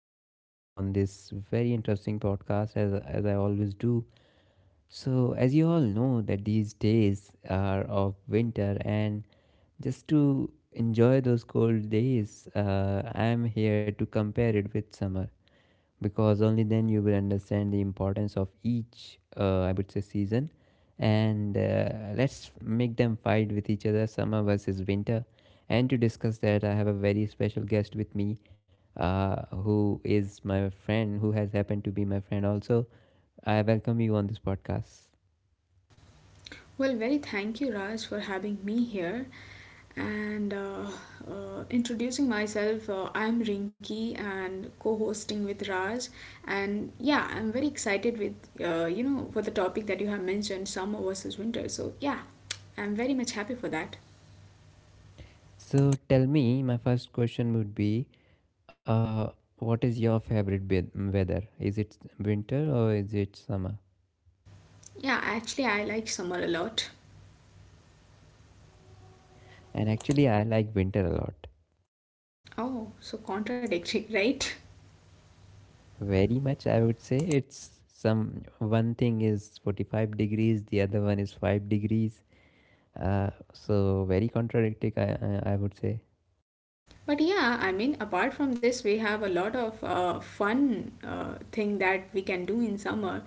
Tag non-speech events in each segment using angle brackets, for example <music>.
I welcome you on this very interesting podcast, as I always do. So, as you all know, that these days are of winter, and just to enjoy those cold days, I am here to compare it with summer because only then you will understand the importance of each I would say season. And let's make them fight with each other, summer versus winter. And to discuss that, I have a very special guest with me, uh, who is my friend, who has happened to be my friend also. I welcome you on this podcast. Well, very thank you, Raj, for having me here. And Introducing myself, I'm Rinki and co-hosting with Raj. And yeah, I'm very excited with for the topic that you have mentioned, summer versus winter. So yeah, I'm very much happy for that. So tell me, my first question would be, uh, what is your favorite weather? Is it winter or is it summer? Yeah, actually, I like summer a lot. And actually, I like winter a lot. Oh, so contradictory, <laughs> right? Very much, I would say. It's some one thing is 45 degrees, the other one is 5 degrees. So, very contradictory, I would say. But yeah, I mean, apart from this, we have a lot of fun thing that we can do in summer.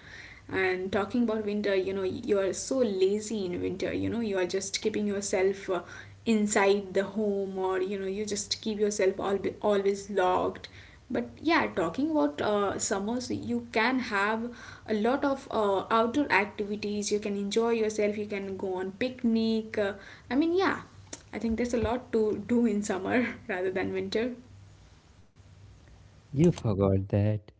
And talking about winter, you know, you are so lazy in winter. You know, you are just keeping yourself inside the home, or you know, you just keep yourself all always locked. But yeah, talking about summers, you can have a lot of outdoor activities. You can enjoy yourself. You can go on picnic. I mean, yeah. I think there's a lot to do in summer <laughs> rather than winter. You forgot that.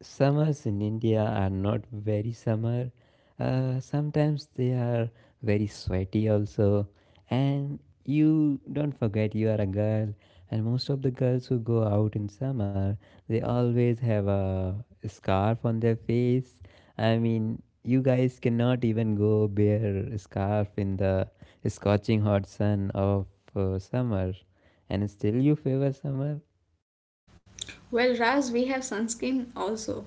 Summers in India are not very summer. Sometimes they are very sweaty also. And you don't forget, you are a girl. And most of the girls who go out in summer, they always have a scarf on their face. I mean, you guys cannot even go bare scarf in the scorching hot sun of summer. And still you favor summer? Well, Raz, we have sunscreen also.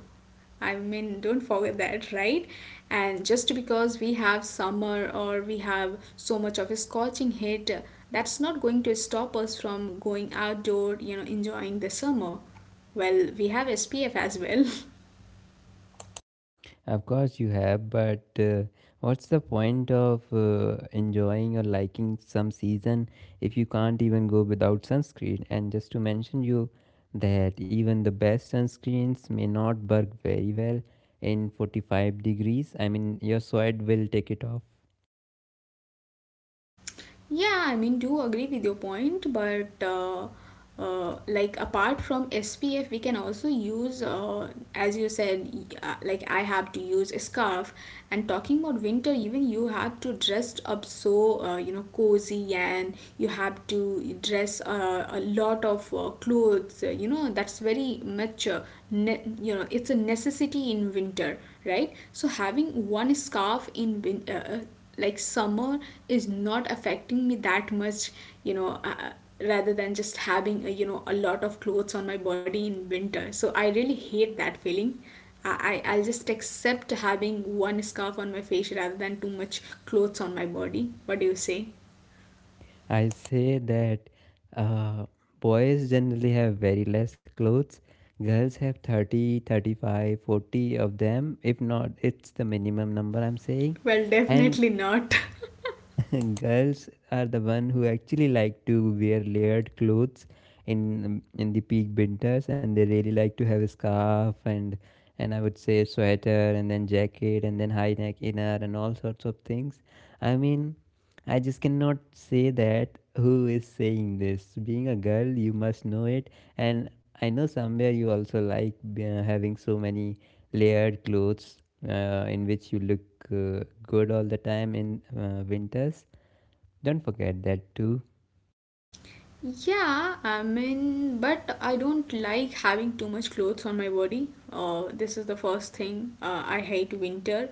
I mean, don't forget that, <laughs> right? And just because we have summer or we have so much of a scorching heat, that's not going to stop us from going outdoor, you know, enjoying the summer. Well, we have SPF as well. <laughs> Of course, you have, but what's the point of enjoying or liking some season if you can't even go without sunscreen? And just to mention you that even the best sunscreens may not work very well in 45 degrees. I mean, your sweat will take it off. Yeah, I mean, do agree with your point, but like apart from SPF, we can also use, as you said, like I have to use a scarf. And talking about winter, even you have to dress up so you know cozy, and you have to dress a lot of clothes. You know that's very much, you know, it's a necessity in winter, right? So having one scarf in like summer is not affecting me that much, you know, rather than just having a, you know, a lot of clothes on my body in winter. So I really hate that feeling. I, I'll just accept having one scarf on my face rather than too much clothes on my body. What do you say? I say that uh, boys generally have very less clothes. Girls have 30, 35, 40 of them. If not, it's the minimum number I'm saying. Well, And definitely not. <laughs> <laughs> girls are the one who actually like to wear layered clothes in the peak winters, and they really like to have a scarf, and I would say sweater and then jacket and then high neck inner and all sorts of things. I mean, I just cannot say that who is saying this. Being a girl, you must know it. And I know somewhere you also like having so many layered clothes in which you look good all the time in winters. Don't forget that too. Yeah, I mean, but I don't like having too much clothes on my body. This is the first thing. I hate winter.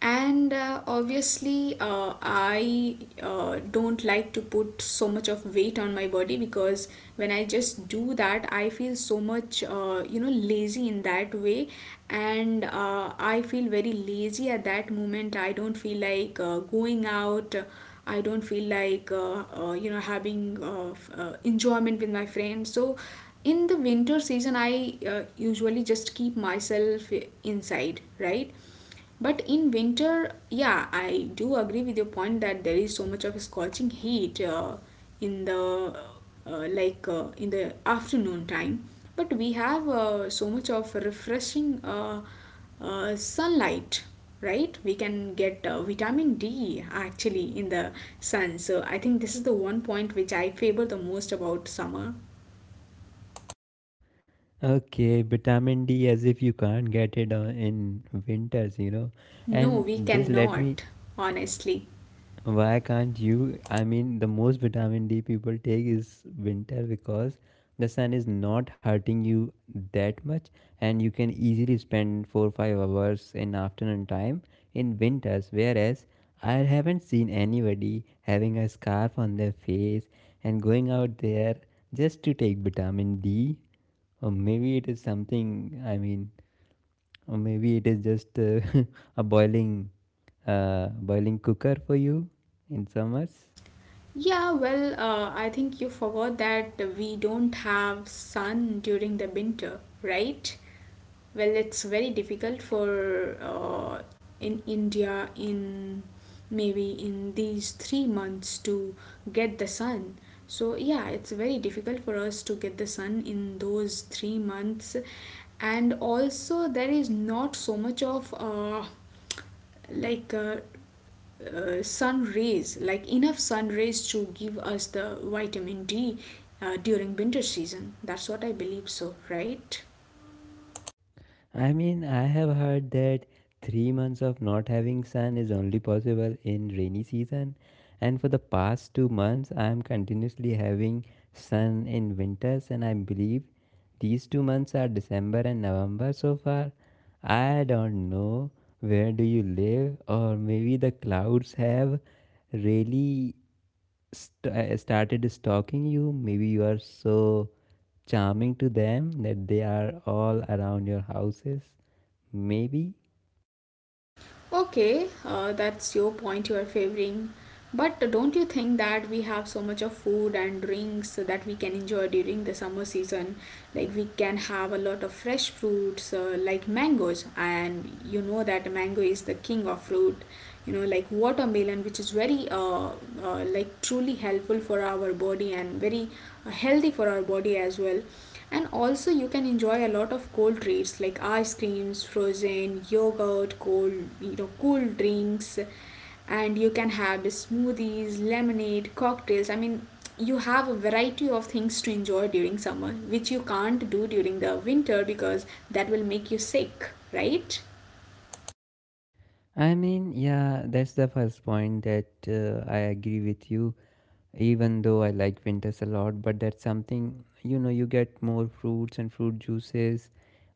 And obviously, I don't like to put so much of weight on my body, because when I just do that, I feel so much, you know, lazy in that way. And I feel very lazy at that moment. I don't feel like going out. I don't feel like you know having enjoyment with my friends. So in the winter season, I usually just keep myself inside, right? But in winter, yeah, I do agree with your point that there is so much of scorching heat in the like in the afternoon time. But we have so much of refreshing sunlight, right? We can get vitamin D actually in the sun. So I think this is the one point which I favor the most about summer. Okay, vitamin D, as if you can't get it on in winters, you know. No, we And just let me. cannot, honestly. Why can't you? I mean, the most vitamin D people take is winter because the sun is not hurting you that much, and you can easily spend 4 5 hours in afternoon time in winters. Whereas I haven't seen anybody having a scarf on their face and going out there just to take vitamin D, or maybe it is something. I mean, or maybe it is just <laughs> a boiling, boiling cooker for you in summers. Yeah, well, I think you forgot that we don't have sun during the winter, right? Well, it's very difficult for in India in maybe in these 3 months to get the sun. So yeah, it's very difficult for us to get the sun in those 3 months, and also there is not so much of like uh, sun rays, like enough sun rays to give us the vitamin D during winter season. That's what I believe, so right. I mean, I have heard that 3 months of not having sun is only possible in rainy season, and for the past 2 months, I am continuously having sun in winters, and I believe these 2 months are December and November so far. I don't know where do you live, or maybe the clouds have really started stalking you. Maybe you are so charming to them that they are all around your houses. Maybe. Okay, that's your point you're favoring. But don't you think that we have so much of food and drinks that we can enjoy during the summer season? Like we can have a lot of fresh fruits, like mangoes, and you know that mango is the king of fruit. You know, like watermelon, which is very like truly helpful for our body and very healthy for our body as well. And also you can enjoy a lot of cold treats, like ice creams, frozen yogurt, cold, you know, cool drinks. And you can have the smoothies, lemonade, cocktails. I mean, you have a variety of things to enjoy during summer which you can't do during the winter, because that will make you sick, right? I mean, yeah, that's the first point that I agree with you. Even though I like winters a lot, but that's something, you know, you get more fruits and fruit juices,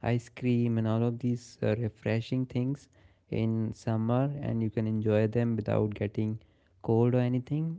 ice cream, and all of these refreshing things in summer, and you can enjoy them without getting cold or anything.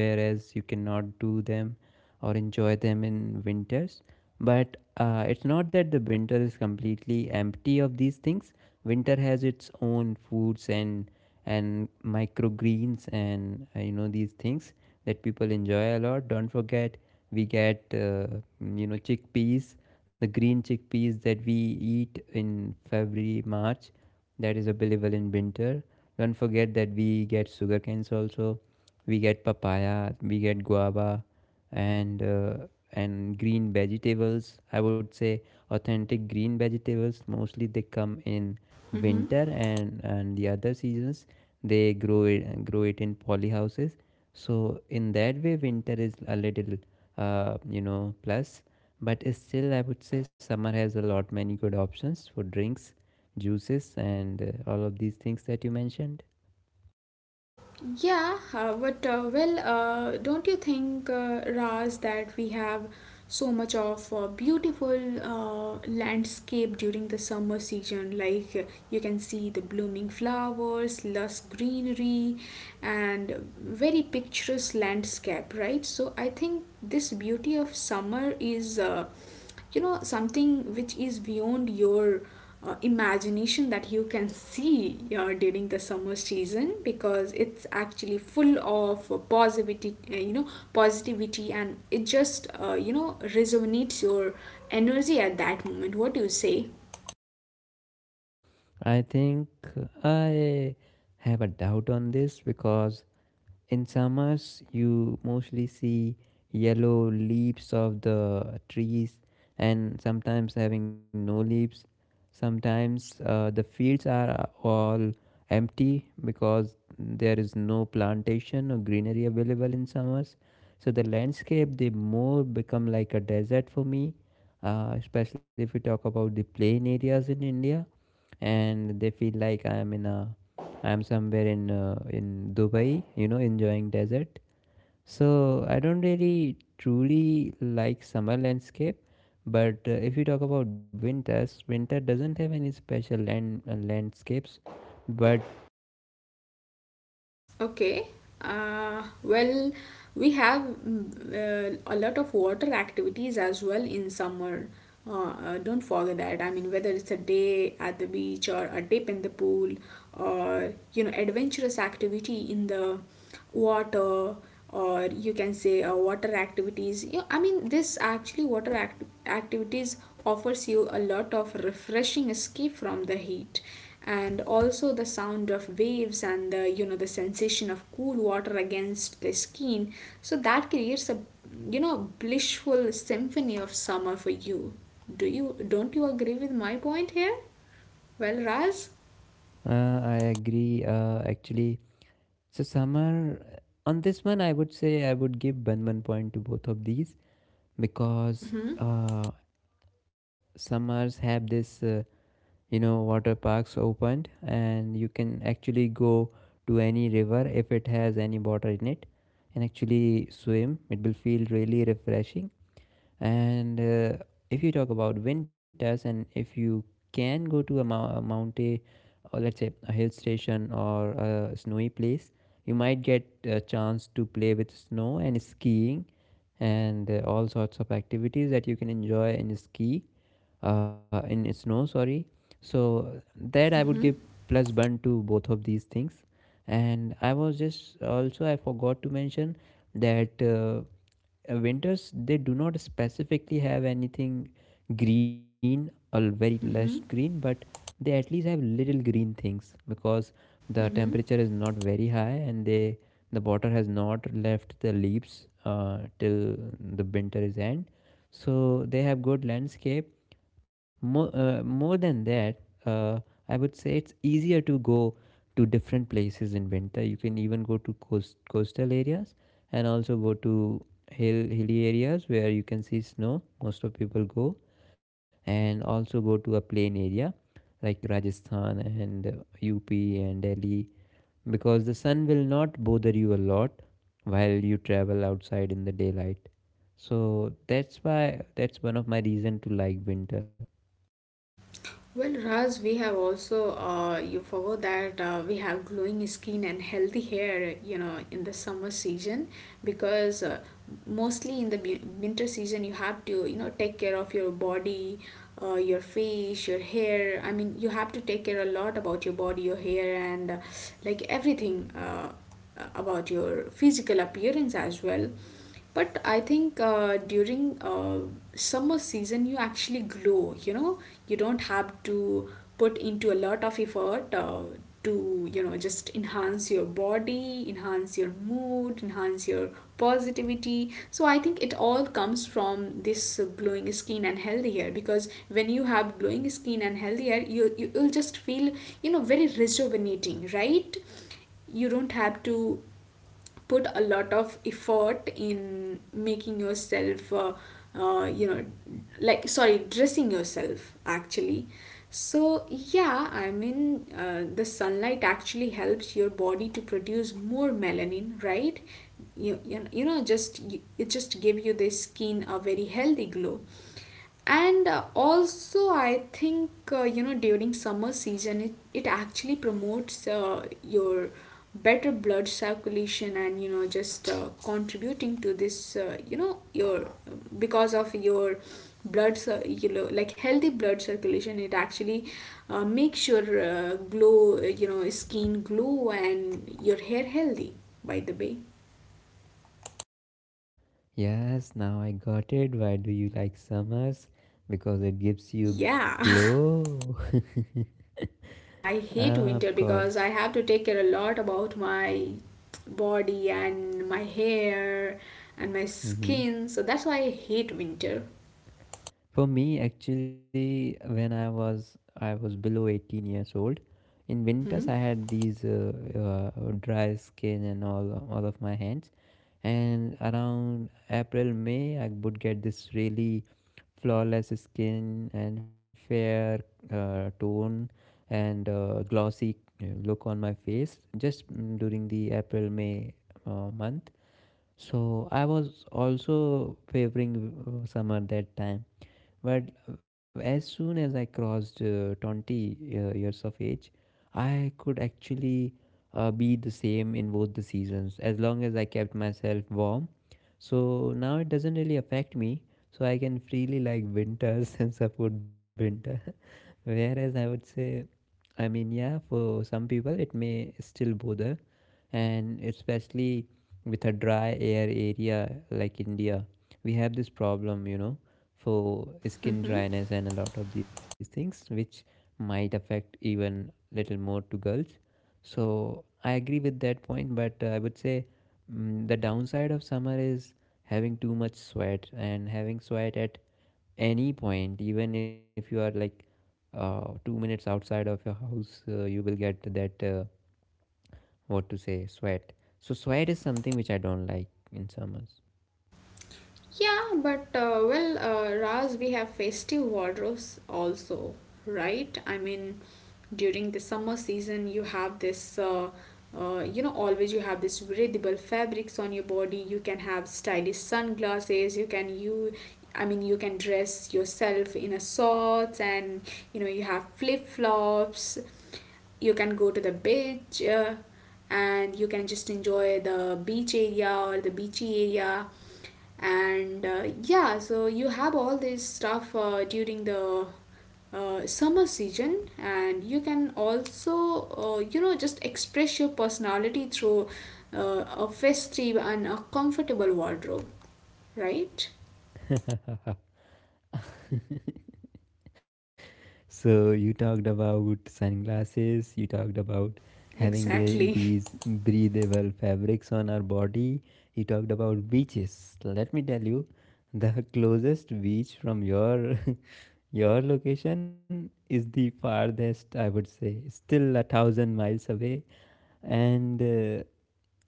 Whereas you cannot do them or enjoy them in winters. But it's not that the winter is completely empty of these things. Winter has its own foods and microgreens and you know, these things that people enjoy a lot. Don't forget, we get you know, chickpeas, the green chickpeas that we eat in February, March. That is available in winter. Don't forget that we get sugar canes also. We get papaya, we get guava, and uh, and green vegetables. I would say authentic green vegetables. Mostly they come in winter, and the other seasons they grow it in poly houses. So in that way, winter is a little, you know, plus. But still, I would say summer has a lot many good options for drinks, juices, and all of these things that you mentioned. Yeah, but well, don't you think, Raz, that we have so much of beautiful landscape during the summer season? Like you can see the blooming flowers, lush greenery, and very picturesque landscape, right? So I think this beauty of summer is, uh, you know, something which is beyond your imagination, that you can see during the summer season, because it's actually full of positivity, you know, positivity. And it just, you know, resonates your energy at that moment. What do you say? I think I have a doubt on this because in summers, you mostly see yellow leaves of the trees, and sometimes having no leaves. Sometimes the fields are all empty because there is no plantation or greenery available in summers. So the landscape, they more become like a desert for me, especially if we talk about the plain areas in India, and they feel like I am in a, I'm somewhere in Dubai, you know, enjoying desert. So I don't really truly like summer landscape, but if you talk about winters, winter doesn't have any special landscapes, but Okay. Well, we have a lot of water activities as well in summer. Don't forget that. I mean, whether it's a day at the beach or a dip in the pool or, you know, adventurous activity in the water, or you can say water activities. You I mean this actually water act- Activities offers you a lot of refreshing escape from the heat, and also the sound of waves and, the you know, the sensation of cool water against the skin. So that creates a, you know, blissful symphony of summer for you. Do you, don't you agree with my point here, well Raz? I agree. So summer, on this one, I would say I would give one point to both of these because summers have this. You know, water parks opened and you can actually go to any river if it has any water in it and actually swim, it will feel really refreshing. And if you talk about winters, and if you can go to a, a mountain, or let's say a hill station or a snowy place, you might get a chance to play with snow and skiing, and all sorts of activities that you can enjoy in ski, in snow. Sorry. So that I would give Mm-hmm. plus one to both of these things. And I was just also I forgot to mention that winters, they do not specifically have anything green or very lush green, but they at least have little green things because the Mm-hmm. temperature is not very high, and they, the water has not left the leaves till the winter is end. So they have good landscape, more than that. uh, I would say it's easier to go to different places in winter. You can even go to coastal areas and also go to hilly areas where you can see snow. Most of people go, and also go to a plain area like Rajasthan and UP and Delhi because the sun will not bother you a lot while you travel outside in the daylight. So that's why, that's one of my reason to like winter. Well, Raz, we have also, you forgot that we have glowing skin and healthy hair, you know, in the summer season. Because mostly in the winter season you have to, you know, take care of your body, your face, your hair. I mean, you have to take care a lot about your body, your hair, and like everything about your physical appearance as well. But I think during summer season, you actually glow. You know, you don't have to put into a lot of effort to, you know, just enhance your body, enhance your mood, enhance your positivity. So I think it all comes from this glowing skin and healthy hair, because when you have glowing skin and healthy hair, you will just feel, you know, very rejuvenating, right? You don't have to put a lot of effort in making yourself you know, like, sorry, dressing yourself actually. So yeah, I mean, the sunlight actually helps your body to produce more melanin, right? You know, just, it just give you the skin a very healthy glow. And also I think you know, during summer season it actually promotes your better blood circulation, and you know, just contributing to this, you know, your, because of your you know, like healthy blood circulation, it actually makes your glow, you know, skin glow and your hair healthy, by the way. Yes, now I got it, why do you like summers? Because it gives you Yeah. <laughs> glow. Yeah, I <laughs> hate Ah, winter of because I course. have to take care a lot about my body and my hair and my Mm-hmm. skin. So that's why I hate winter. For me, actually, when I was below 18 years old, in winters I Hmm. had these dry skin and all of my hands. And around April, May, I would get this really flawless skin and fair tone and glossy look on my face just during the April May month. So I was also favoring summer that time, but as soon as I crossed 20 years of age, I could actually be the same in both the seasons as long as I kept myself warm. So now it doesn't really affect me. So I can freely like winters <laughs> and support winter. <laughs> Whereas I would say, I mean, yeah, for some people it may still bother, and especially with a dry air area like India, we have this problem, you know, for skin Hmm. dryness and a lot of these things, which might affect even little more to girls. So I agree with that point, but I would say, the downside of summer is having too much sweat and having sweat at any point, even if you are like 2 minutes outside of your house, you will get that. What to say, sweat. So sweat is something which I don't like in summers. Yeah, but well, Raz, we have festive wardrobes also, right? I mean, during the summer season, you have this, you know, always you have this breathable fabrics on your body. You can have stylish sunglasses. I mean, you can dress yourself in a shorts, and you know, you have flip flops. You can go to the beach, and you can just enjoy the beach area or the beachy area. And yeah, so you have all this stuff during the summer season. And you can also you know, just express your personality through a festive and a comfortable wardrobe, right? <laughs> So you talked about sunglasses, you talked about having Exactly. these breathable fabrics on our body, you talked about beaches. Let me tell you, the closest beach from your <laughs> your location is the farthest, I would say, still 1,000 miles away. And uh,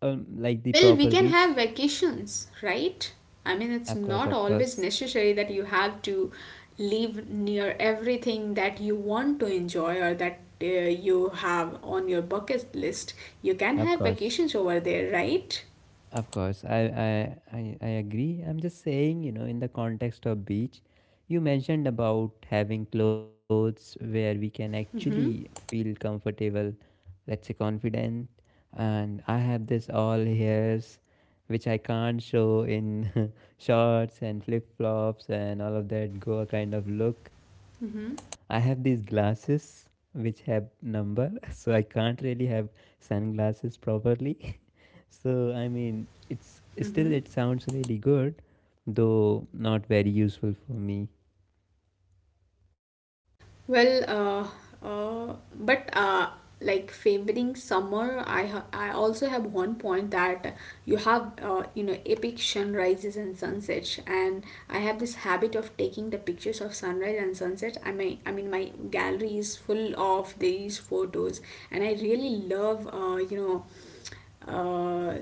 um, like the Well, we proper can have beach. vacations, right? I mean, it's Of course, not of always course. necessary that you have to live near everything that you want to enjoy or that you have on your bucket list. You can Of have course, vacations over there, right? of course, I agree. I'm just saying, you know, in the context of beach, you mentioned about having clothes where we can actually Mm-hmm. feel comfortable, let's say confident, and I have this all hairs which I can't show in <laughs> shorts and flip-flops and all of that Goa kind of look. I Mm-hmm. have these glasses which have number, <laughs> so I can't really have sunglasses properly. So I mean, it's still Mm-hmm. it sounds really good, though not very useful for me. Well, but Like favoring summer, I also have one point that you have you know epic sunrises and sunsets, and I have this habit of taking the pictures of sunrise and sunset. I mean my gallery is full of these photos, and I really love uh,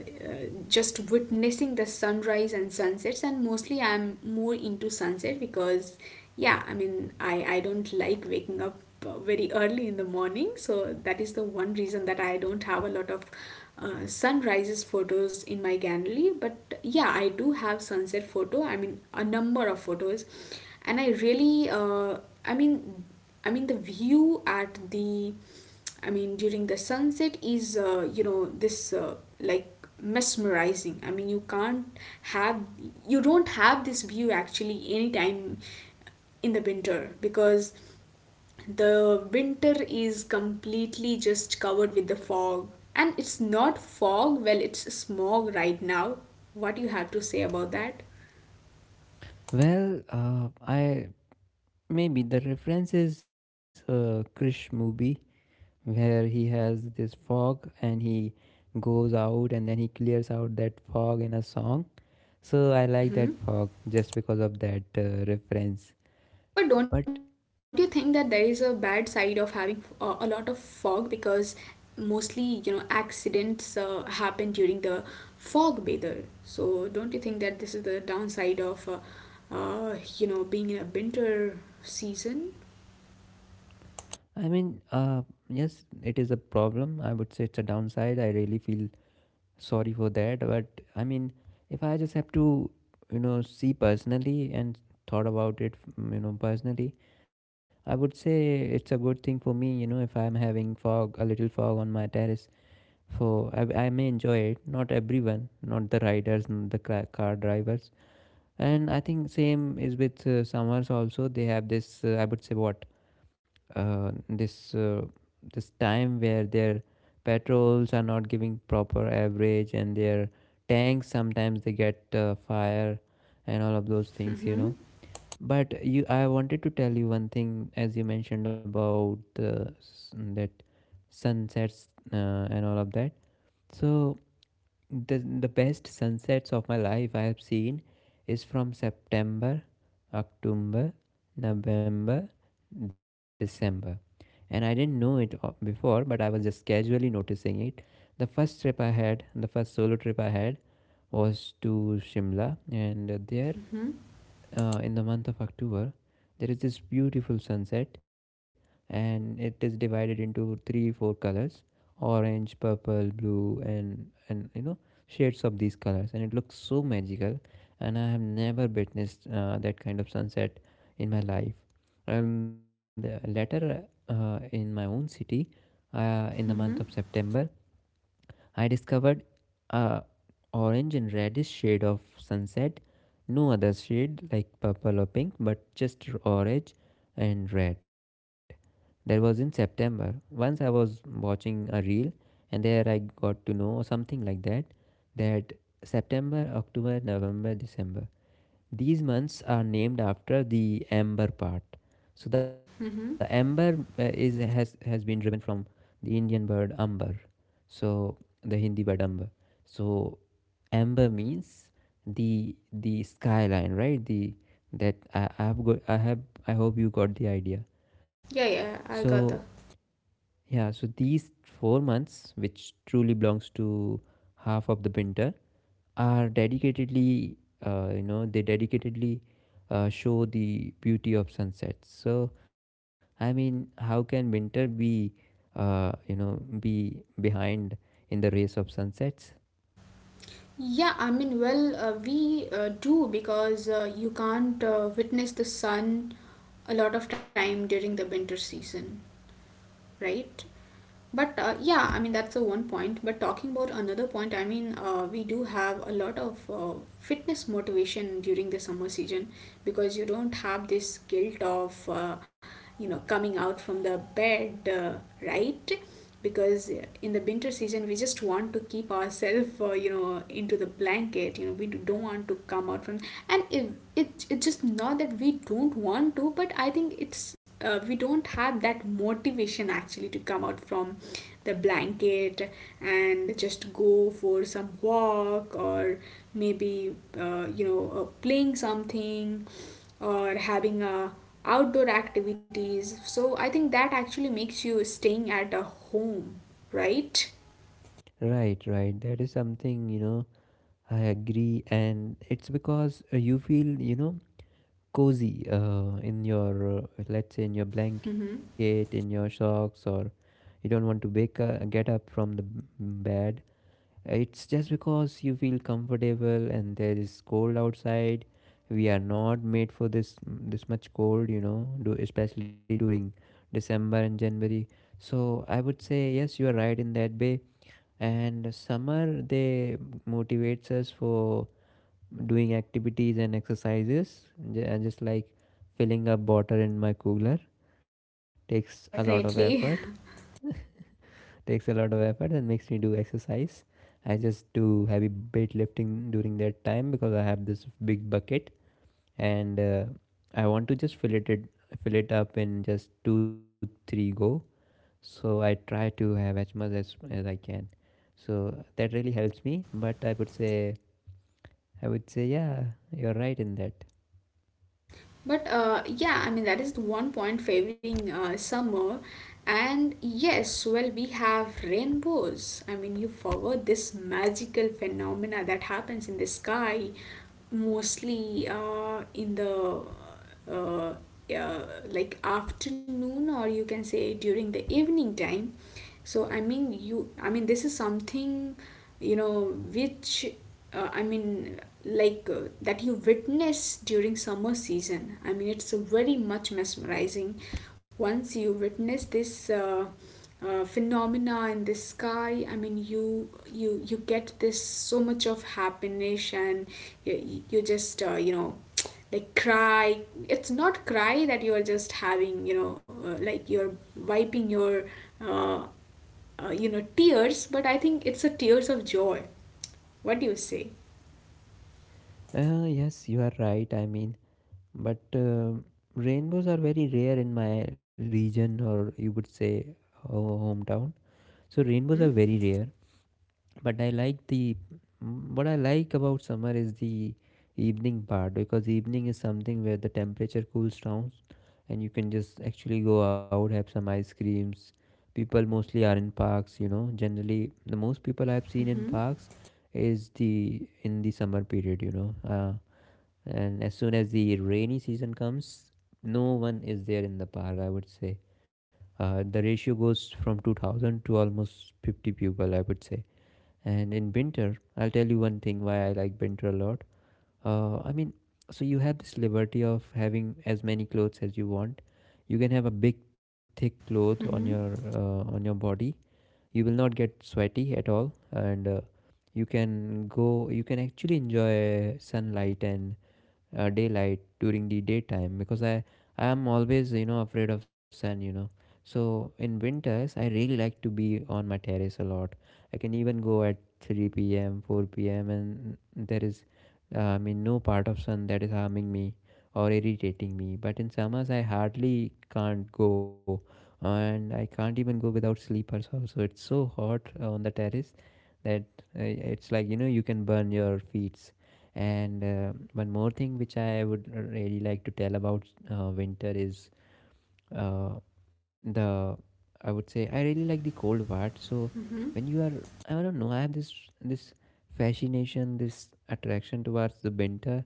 just witnessing the sunrise and sunsets, and mostly I'm more into sunset because yeah, I don't like waking up very early in the morning, so that is the one reason that I don't have a lot of sunrises photos in my gallery. But yeah, I do have sunset photo, a number of photos. And I really i mean the view at the, during the sunset is, you know, this like, mesmerizing. I mean, you can't have, you don't have this view actually anytime in the winter because the winter is completely just covered with the fog. And it's not fog, well, it's smog right now. What do you have to say about that? Well, I maybe the reference is Krish movie where he has this fog and he goes out and then he clears out that fog in a song. So I like that fog just because of that reference. But But don't you think that there is a bad side of having a lot of fog, because mostly, you know, accidents happen during the fog bather? So don't you think that this is the downside of, you know, being in a winter season? I mean, yes, it is a problem. I would say it's a downside. I really feel sorry for that, but I mean, if I just have to, see personally and thought about it, personally, I would say it's a good thing for me. If I'm having fog, a little fog on my terrace, I may enjoy it, not everyone, not the riders, not the car drivers. And I think same is with summers also. They have this, I would say, what, uh, this uh, this time where their patrols are not giving proper average and their tanks sometimes they get fire and all of those things you Hmm. know But you I wanted to tell you one thing. As you mentioned about the s that sunsets uh, and all of that, so the best sunsets of my life I have seen is from September, October, November, December. And I didn't know it before, but I was just casually noticing it. The first trip I had, the first solo trip I had was to Shimla, and there, Hmm. In the month of October, there is this beautiful sunset, and it is divided into three, four colors: orange, purple, blue, and shades of these colors, and it looks so magical. And I have never witnessed that kind of sunset in my life. And later, in my own city, in the month of Hmm. September, I discovered a orange and reddish shade of sunset, no other shade like purple or pink, but just orange and red. That was in September. Once I was watching a reel, and there I got to know, or something like that, that September, October, November, December, these months are named after the amber part. So the amber, Hmm. Is has been driven from the Indian bird amber, so the Hindi word amber. So amber means the skyline, right? The that I have got I hope you got the idea. Yeah, yeah, So I got that. yeah, so these 4 months, which truly belongs to half of the winter, are dedicatedly, you know they dedicatedly show the beauty of sunsets. So I mean, how can winter be be behind in the race of sunsets? Yeah, I mean, well, we do, because you can't witness the sun a lot of time during the winter season. Right? But yeah, I mean, that's a one point. But talking about another point, I mean, we do have a lot of fitness motivation during the summer season, because you don't have this guilt of you know, coming out from the bed, right? Because in the winter season, we just want to keep ourselves you know, into the blanket. You know, we don't want to come out from. And it's just not that we don't want to, but I think it's we don't have that motivation actually to come out from the blanket and just go for some walk, or maybe playing something, or having a outdoor activities. So I think that actually makes you staying at a home, right? Right, right, that is something. I agree, and it's because, you feel, cozy in your, let's say, in your blanket, in your socks, or you don't want to wake get up from the bed. It's just because you feel comfortable and there is cold outside. We are not made for this much cold, especially during December and January. So I would say yes, you are right in that way. And summer, they motivates us for doing activities and exercises, and just like filling up water in my cooler takes a lot of effort Definitely. <laughs> takes a lot of effort and makes me do exercise. I just do heavy weightlifting during that time because I have this big bucket, and I want to just fill it up in just two three go. So I try to have as much as I can. So that really helps me. But I would say yeah, you're right in that. But yeah, I mean, that is the one point favoring summer. And yes, well, we have rainbows. I mean, you forgot this magical phenomena that happens in the sky, mostly in the uh, uh, like, afternoon, or you can say during the evening time. So, I mean, I mean, this is something, you know, which, I mean, like that you witness during summer season. I mean, it's very much mesmerizing. Once you witness this phenomena in the sky, I mean, you get this so much of happiness, and you just, like, cry. It's not cry that you are just having, you know, like, you're wiping your uh, you know, tears, but I think it's a tears of joy. What do you say? Yes, you are right. I mean, but rainbows are very rare in my region, or you would say, hometown. So rainbows are Mm-hmm. very rare, but I like the, what I like about summer is the evening part, because evening is something where the temperature cools down and you can just actually go out, have some ice creams. People mostly are in parks. Generally, the most people I've seen in parks is the in the summer period. And as soon as the rainy season comes, no one is there in the park, I would say. The ratio goes from 2000 to almost 50 people, I would say. And in winter, I'll tell you one thing why I like winter a lot. uh, i mean so you have this liberty of having as many clothes as you want. You can have a big thick cloth on your, on your body. You will not get sweaty at all, and you can actually enjoy sunlight and daylight during the daytime, because I am always, afraid of sun. So in winters I really like to be on my terrace a lot. I can even go at 3 p.m., 4 p.m., and there is, no part of sun that is harming me or irritating me. But in summers I hardly can't go, and I can't even go without sleepers also. It's so hot on the terrace that, uh, it's like, you can burn your feet. And one more thing which I would really like to tell about winter is, uh, the I would say I really like the cold part. So when you are, I don't know, I have this fascination, this attraction towards the winter,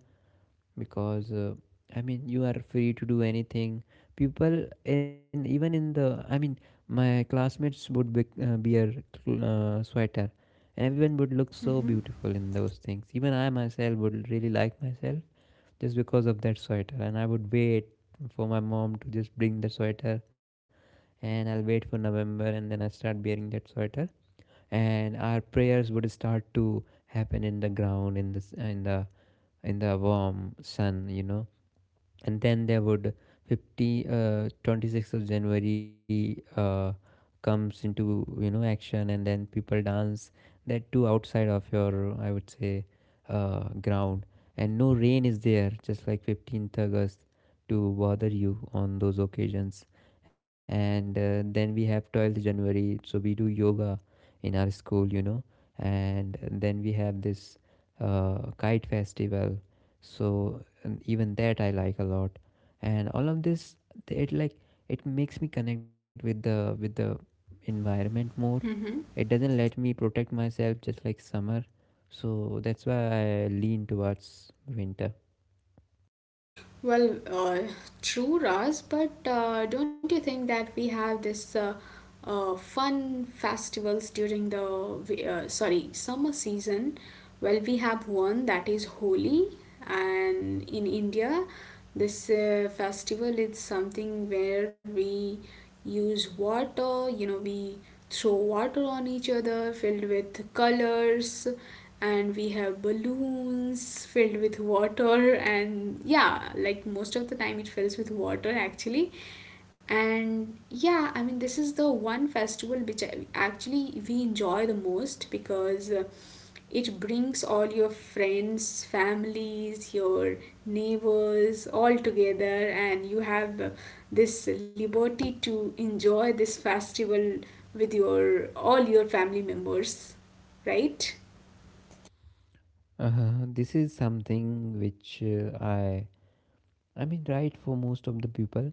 because you are free to do anything, people. And even in the I mean my classmates would be, wear, sweater, and everyone would look so beautiful in those things. Even I myself would really like myself just because of that sweater, and I would wait for my mom to just bring the sweater. And I'll wait for November and then I start wearing that sweater, and our prayers would start to happen in the ground, in the s- in the warm sun. And then there would 50 26th of January, comes into, action, and then people dance, that too outside of your, I would say, ground, and no rain is there, just like 15th August, to bother you on those occasions. And then we have 12th January, so we do yoga in our school. And then we have this kite festival, so, and even that I like a lot. And all of this, it like it makes me connect with the environment more. It doesn't let me protect myself just like summer, so that's why I lean towards winter. Well, true, Raz, but don't you think that we have this fun festivals during the sorry, summer season? Well, we have one that is Holi, and in India, this festival is something where we use water. You know, we throw water on each other filled with colors, and we have balloons filled with water. And yeah, like, most of the time it fills with water actually. And yeah, I mean, this is the one festival which I, actually we enjoy the most, because it brings all your friends, families, your neighbors all together, and you have the- this liberty to enjoy this festival with your all your family members, right? This is something which, I mean right for most of the people,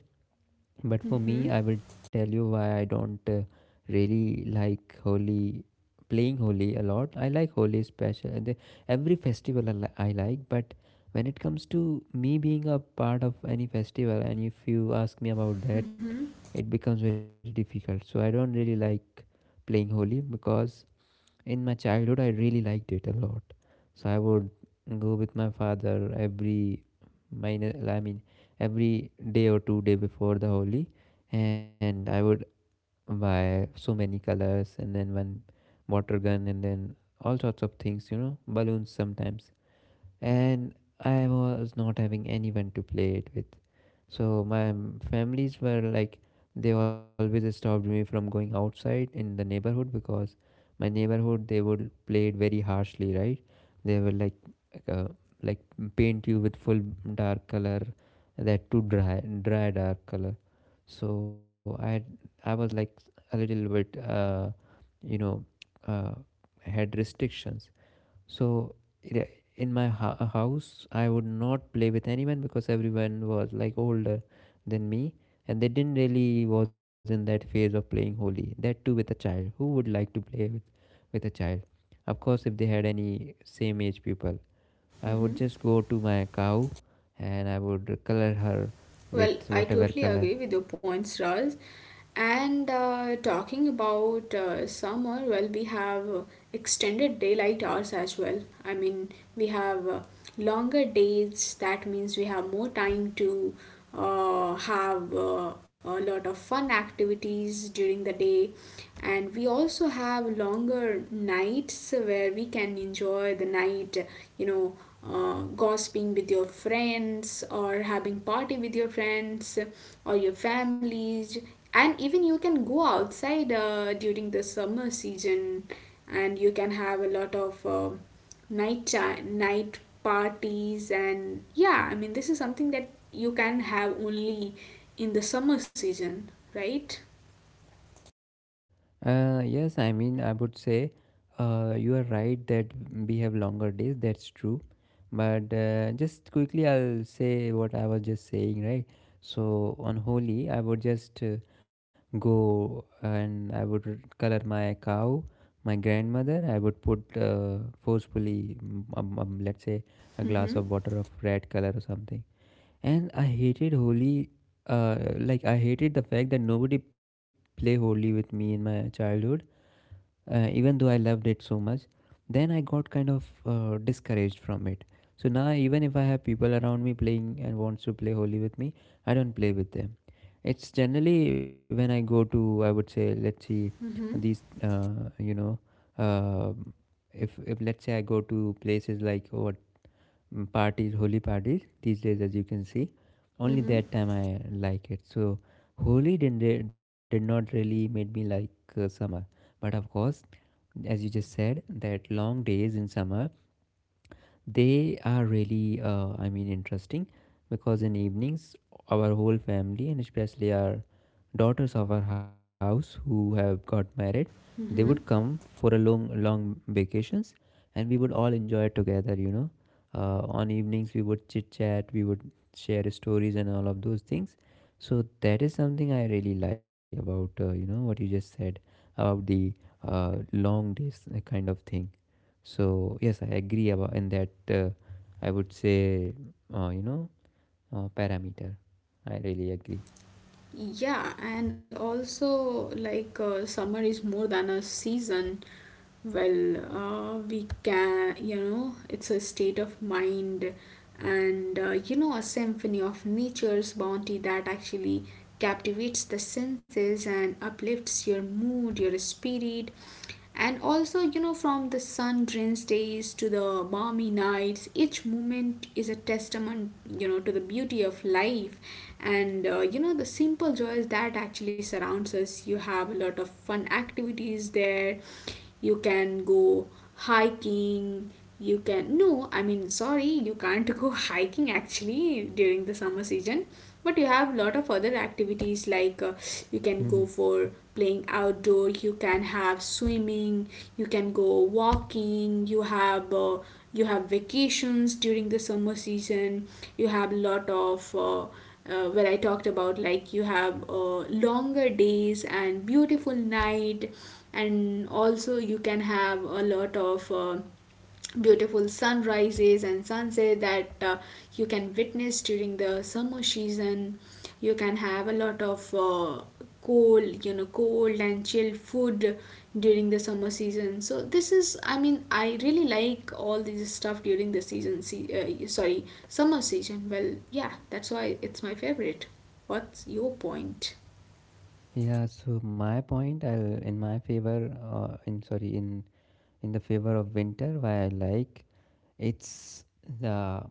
but for Mm-hmm. me, I will tell you why I don't really like Holi, playing Holi a lot. I like Holi special, and every festival I like. But when it comes to me being a part of any festival, and if you ask me about that, Mm-hmm. it becomes very difficult. So I don't really like playing Holi, because in my childhood I really liked it a lot. So I would go with my father I mean, every day or 2 day before the Holi, and I would buy so many colors, and then one water gun, and then all sorts of things, balloons sometimes. And I was not having anyone to play it with. So my families were like, they always stopped me from going outside in the neighborhood, because my neighborhood, they would play it very harshly, right? They will like, uh, like paint you with full dark color, that too, dry dark color. So I was like a little bit, you know uh, had restrictions. So it- in my house, I would not play with anyone, because everyone was like older than me, and they didn't really was in that phase of playing holy. That too with a child. Who would like to play with a child? Of course, if they had any same age people, I would just go to my cow, and I would color her Well, with I whatever totally color. agree with your points, Raj. And talking about summer, well, we have extended daylight hours as well. I mean, we have longer days, that means we have more time to have a lot of fun activities during the day. And we also have longer nights where we can enjoy the night, you know, gossiping with your friends, or having party with your friends or your families. And even you can go outside during the summer season, and you can have a lot of night parties. And yeah, I mean, this is something that you can have only in the summer season, right? Yes, I mean, I would say, you are right that we have longer days. That's true. But just quickly, I'll say what I was just saying, right? So on Holi, I would just, go, and I would color my cow, my grandmother. I would put, forcefully, let's say, a Mm-hmm. glass of water of red color or something. And I hated Holi. Like, I hated the fact that nobody play Holi with me in my childhood, even though I loved it so much, then I got kind of discouraged from it. So now, even if I have people around me playing and wants to play Holi with me, I don't play with them. It's generally when I go to, I would say, let's see, these, Mm-hmm. uh, you know, uh, if let's say I go to places like parties, holy parties these days, as you can see. Only Mm-hmm. that time I like it. So holy did not really made me like summer, but of course, as you just said, that long days in summer, they are really, I mean, interesting, because in evenings, our whole family, and especially our daughters of our house who have got married, they would Mm-hmm. come for a long, long vacations, and we would all enjoy together. You know, on evenings we would chit chat, we would share stories and all of those things. So that is something I really like about, what you just said about the long days kind of thing. So yes, I agree about in that. I would say, uh, you know, parameter. I really agree. Yeah, and also, like, summer is more than a season. Well, we can, you know, it's a state of mind, and, you know, a symphony of nature's bounty that actually captivates the senses and uplifts your mood, your spirit. And also, you know, from the sun drenched days to the balmy nights, each moment is a testament, you know, to the beauty of life, and you know, the simple joys that actually surrounds us. You have a lot of fun activities there. You can go hiking. You can, no, I mean, sorry, you can't go <laughs> hiking actually during the summer season. But you have lot of other activities like, you can go Mhm. for playing outdoor, you can have swimming, you can go walking. You have you have vacations during the summer season. You have lot of where I talked about, like, you have longer days and beautiful night. And also you can have a lot of beautiful sunrises and sunset that you can witness during the summer season. You can have a lot of cold, you know, cold and chilled food during the summer season. So this is, I mean, I really like all this stuff during the sorry, summer season. Well, yeah, that's why it's my favorite. What's your point? Yeah. So my point, I'll, in my favor, in sorry, in the favor of winter, why I like, it's the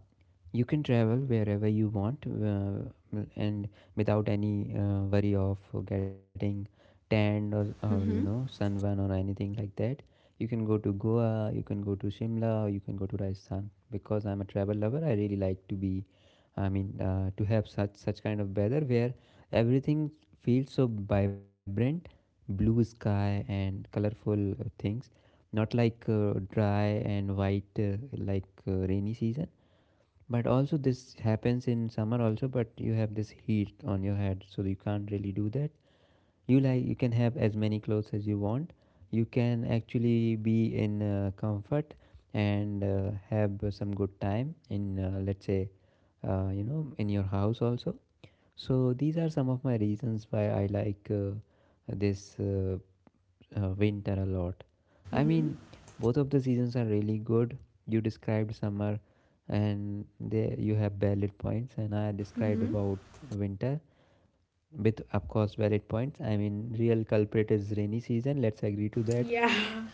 you can travel wherever you want, and without any worry of getting tanned, or, or you Mm-hmm. know sunburn or anything like that. You can go to Goa, you can go to Shimla, or you can go to Rajasthan, because I'm a travel lover. I really like to be, I mean, to have such kind of weather where everything feels so vibrant, blue sky and colorful things, not like dry and white, like rainy season. But also this happens in summer also, but you have this heat on your head, so you can't really do that. You can have as many clothes as you want. You can actually be in comfort, and have some good time in, let's say, in your house also. So these are some of my reasons why I like this winter a lot. I Mm-hmm. mean, both of the seasons are really good. You described summer, and there you have valid points, and I described Mm-hmm. about winter with, of course, valid points. I mean, real culprit is rainy season. Let's agree to that. Yeah.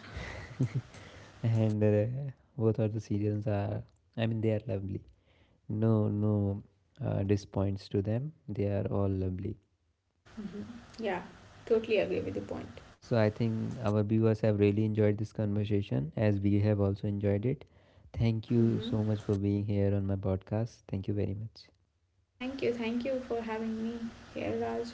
And both of the seasons are, I mean, they are lovely. No, no, disappoints to them. They are all lovely. Mhm. Yeah, totally agree with the point. So I think our viewers have really enjoyed this conversation as we have also enjoyed it. Thank you Mhm. so much for being here on my podcast. Thank you very much. Thank you for having me here, Raj.